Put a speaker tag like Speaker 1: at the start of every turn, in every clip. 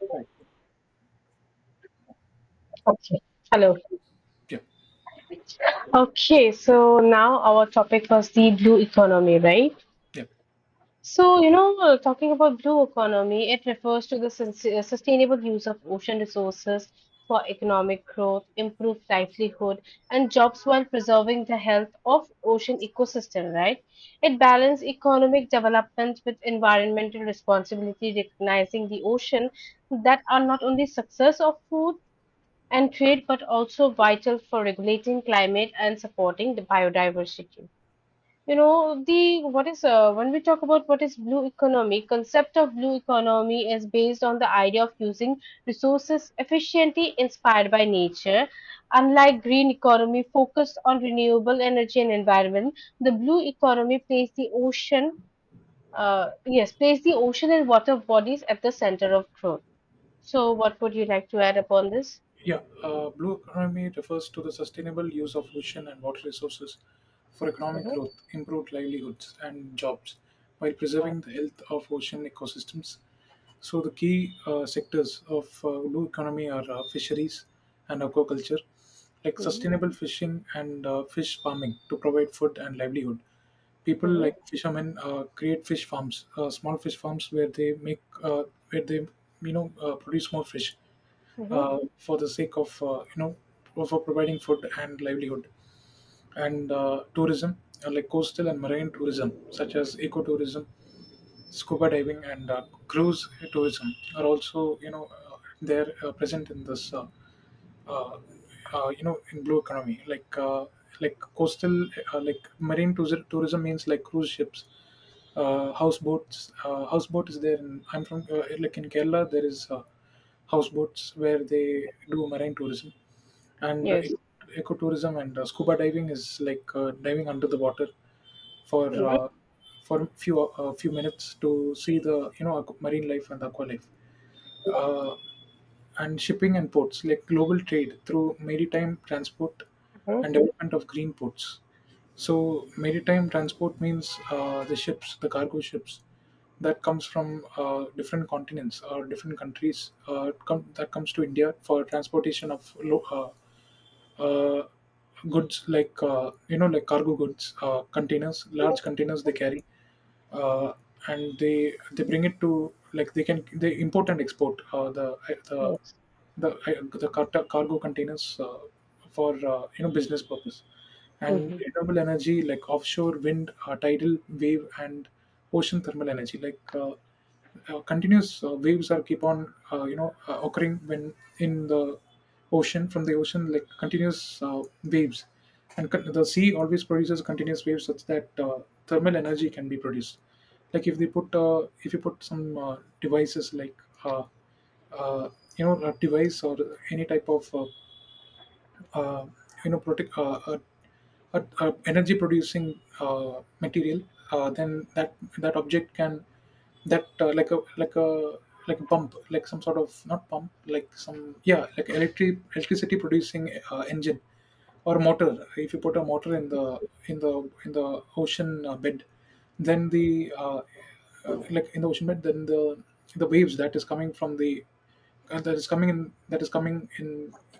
Speaker 1: Right.
Speaker 2: Okay. Hello.
Speaker 1: Yeah.
Speaker 2: Okay, so now our topic was the blue economy, right?
Speaker 1: Yeah.
Speaker 2: Talking about blue economy, it refers to the sustainable use of ocean resources for economic growth, improved livelihood, and jobs while preserving the health of ocean ecosystem, right? It balances economic development with environmental responsibility, recognizing the ocean that are not only success of food and trade, but also vital for regulating climate and supporting the biodiversity. You know, the what is when we talk about what is blue economy, concept of blue economy is based on the idea of using resources efficiently inspired by nature. Unlike green economy focused on renewable energy and environment, the blue economy places the places the ocean and water bodies at the center of growth. So, what would you like to add upon this?
Speaker 1: Yeah. Blue economy refers to the sustainable use of ocean and water resources for economic
Speaker 2: Mhm,
Speaker 1: growth, improved livelihoods, and jobs, while preserving the health of ocean ecosystems. So the key sectors of blue economy are fisheries and aquaculture, like
Speaker 2: mhm,
Speaker 1: sustainable fishing and fish farming to provide food and livelihood. People
Speaker 2: mhm.
Speaker 1: like fishermen create fish farms, small fish farms where they make where they you know produce more fish
Speaker 2: Mm-hmm.
Speaker 1: for the sake of you know for providing food and livelihood, and tourism, like coastal and marine tourism such as ecotourism, scuba diving, and cruise tourism are also you know they're present in this uh, you know in blue economy, like coastal, like marine tourism. Tourism means like cruise ships, houseboats. Houseboat is there in, I'm from like in Kerala there is houseboats where they do marine tourism and
Speaker 2: Yes.
Speaker 1: ecotourism. And scuba diving is like diving under the water for
Speaker 2: Mm-hmm.
Speaker 1: uh, for few a few minutes to see the marine life and aqua life. uh, and shipping and ports, like global trade through maritime transport and development of green ports. So maritime transport means the ships, the cargo ships that comes from different continents or different countries, that comes to India for transportation of uh, goods, like like cargo goods, containers, large containers they carry, uh, and they bring it to, like they can, they import and export the,
Speaker 2: Yes.
Speaker 1: cargo containers for you know, business purpose. And
Speaker 2: Mm-hmm.
Speaker 1: renewable energy, like offshore wind, tidal wave, and ocean thermal energy, like continuous waves are keep on occurring when in the ocean, from the ocean, like continuous waves. The sea always produces continuous waves, such that thermal energy can be produced. Like if they put if you put some devices like uh, uh, a device or any type of uh, you know protect a energy producing material. Then that object can, that like a, like a pump, like some sort of, not pump, like some, yeah, like electric, electricity producing engine or motor. If you put a motor in the, in the ocean bed, then the like in the ocean bed, then the waves that is coming from the, that is coming in,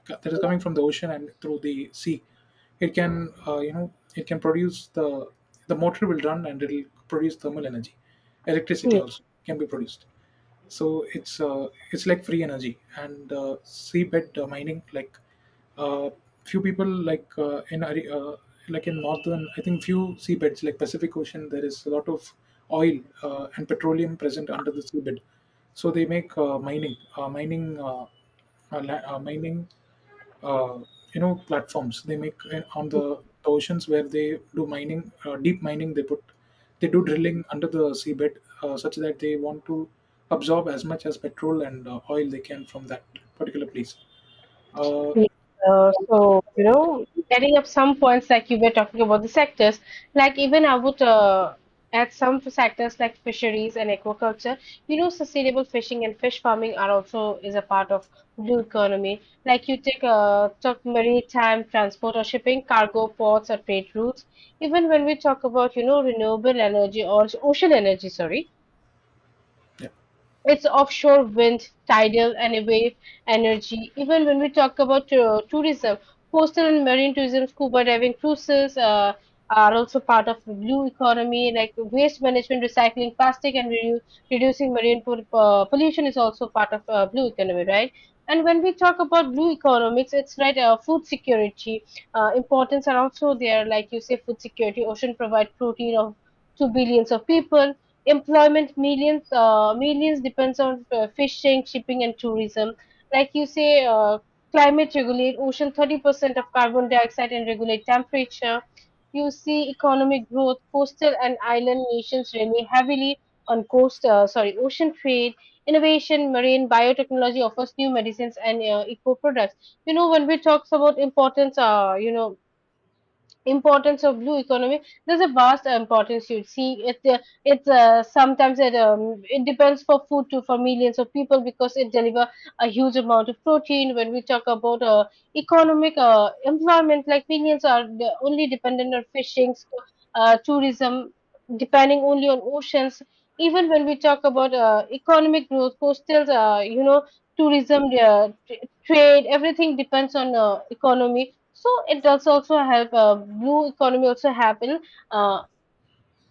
Speaker 1: that is coming from the ocean and through the sea, it can it can produce the motor will run and it'll produce thermal energy. Electricity
Speaker 2: Yes.
Speaker 1: also can be produced. So it's like free energy. And seabed mining, like uh, few people like like in northern, I think, few seabeds like Pacific Ocean, there is a lot of oil and petroleum present under the seabed. So they make mining mining uh, platforms. They make on the oceans, where they do mining, deep mining. They put, they do drilling under the seabed such that they want to absorb as much as petrol and oil they can from that particular place. uh,
Speaker 2: Yes. Uh, so, you know, Adding up some points like you were talking about the sectors, like even I would add some sectors like fisheries and aquaculture. You know, sustainable fishing and fish farming are also is a part of blue economy. Like you take talk maritime transport or shipping, cargo ports or trade routes. Even when we talk about, you know, renewable energy or ocean energy, sorry.
Speaker 1: yeah.
Speaker 2: It's offshore wind, tidal, and wave energy. Even when we talk about tourism, coastal and marine tourism, scuba diving, cruises are also part of the blue economy. Like waste management, recycling plastic, and reducing marine pollution is also part of blue economy, right? And when we talk about blue economics, it's right, food security, importance are also there. Like you say, food security, ocean provide protein of two billions of people, employment, millions depends on fishing, shipping, and tourism. Like you say Climate regulate ocean 30% of carbon dioxide and regulate temperature. You see economic growth, coastal and island nations rely heavily on coast sorry ocean trade. Innovation, marine biotechnology offers new medicines and eco products. You know, when we talk about importance you know importance of blue economy, there's a vast importance. You see it it's Sometimes it depends for food too for millions of people because it deliver a huge amount of protein. When we talk about economic environment, like millions are only dependent on fishing, so, tourism depending only on oceans. Even when we talk about economic growth, coastal, you know, trade, everything depends on economy. So it does also help, blue economy also happen. Uh,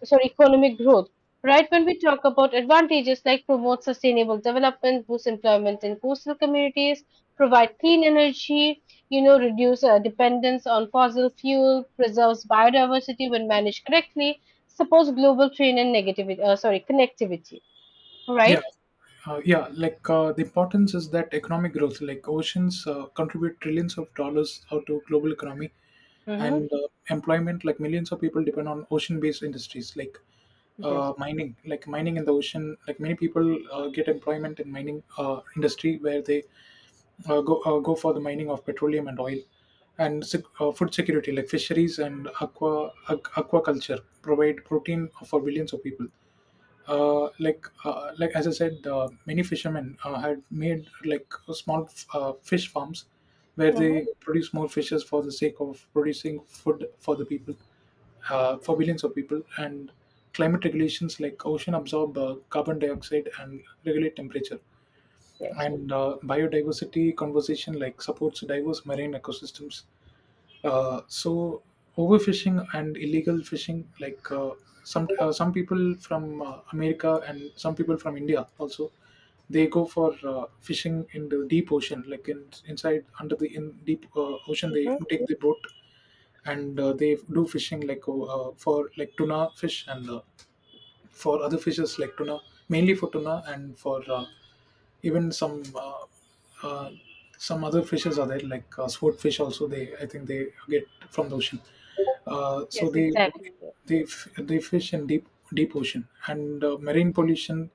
Speaker 2: economic growth. Right, when we talk about advantages, like promote sustainable development, boost employment in coastal communities, provide clean energy, you know, reduce dependence on fossil fuel, preserves biodiversity when managed correctly, supports global trade and connectivity.
Speaker 1: Yeah.
Speaker 2: Right?
Speaker 1: Yeah, like the importance is that economic growth, like oceans contribute trillions of dollars out to global economy.
Speaker 2: Mm-hmm.
Speaker 1: And employment, like millions of people depend on ocean-based industries like
Speaker 2: Yes.
Speaker 1: mining, like mining in the ocean. Like many people get employment in mining industry, where they go for the mining of petroleum and oil. Food security, like fisheries and aquaculture provide protein for billions of people. Like as I said, many fishermen had made like small fish farms where
Speaker 2: Mm-hmm.
Speaker 1: they produce more fishes for the sake of producing food for the people, for billions of people. And climate regulations, like ocean absorb carbon dioxide and regulate temperature.
Speaker 2: Yes.
Speaker 1: And biodiversity conservation, like supports diverse marine ecosystems. So overfishing and illegal fishing, like some people from America and some people from India also, they go for fishing in the deep ocean, like in inside under the in deep ocean. They
Speaker 2: Mm-hmm.
Speaker 1: take the boat and they do fishing like for like tuna fish and for other fishes like tuna, mainly for tuna and for even uh, some other fishes are there, like swordfish also they, I think they get from the ocean.
Speaker 2: Yes,
Speaker 1: So
Speaker 2: exactly.
Speaker 1: they they fish in deep, deep ocean. And marine pollution,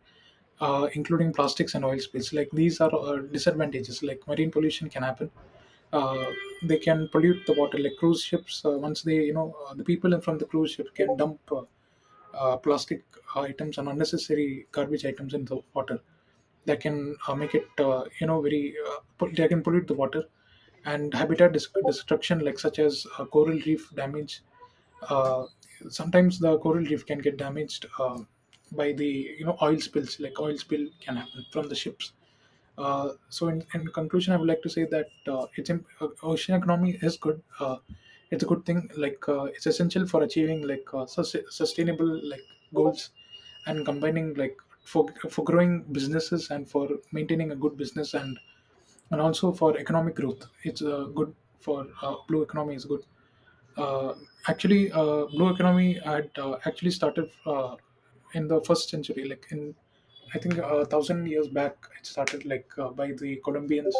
Speaker 1: including plastics and oil spills, like these are disadvantages. Like marine pollution can happen, uh, they can pollute the water. Like cruise ships, once they the people from the cruise ship can dump plastic items and unnecessary garbage items in the water. That can make it very they can pollute the water. And destruction, like such as coral reef damage. uh, Sometimes the coral reef can get damaged by the, you know, oil spills. Like oil spill can happen from the ships. So in conclusion, I would like to say that ocean economy is good. It's a good thing. Like it's essential for achieving, like sustainable, like goals, and combining, like for growing businesses and for maintaining a good business, and also for economic growth. It's good for blue economy is good. Uh, Actually, blue economy had actually started in the first century, like in, I think, a thousand years back. It started like by the Colombians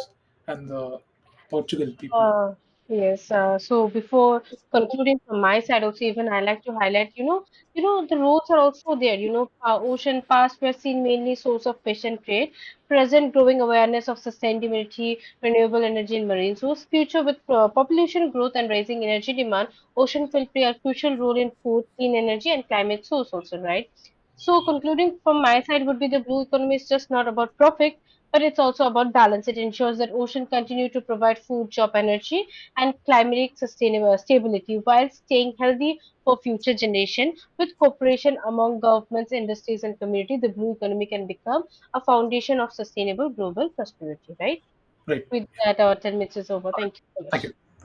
Speaker 1: and the Portugal people,
Speaker 2: Uh, yes. So before concluding from my side, also even I like to highlight, you know the roads are also there. You know, ocean past were seen mainly source of fish and trade. Present growing awareness of sustainability, renewable energy, and marine source. Future with population growth and rising energy demand, ocean will play a crucial role in food, clean energy, and climate source also, right? So concluding from my side would be the blue economy is just not about profit. But it's also about balance. It ensures that oceans continue to provide food, job, energy, and climatic sustainable stability while staying healthy for future generation. With cooperation among governments, industries, and community, the blue economy can become a foundation of sustainable global prosperity. Right?
Speaker 1: right?
Speaker 2: With that, our 10 minutes is over.
Speaker 1: All right.
Speaker 2: Thank you so
Speaker 1: Thank
Speaker 2: much.
Speaker 1: you.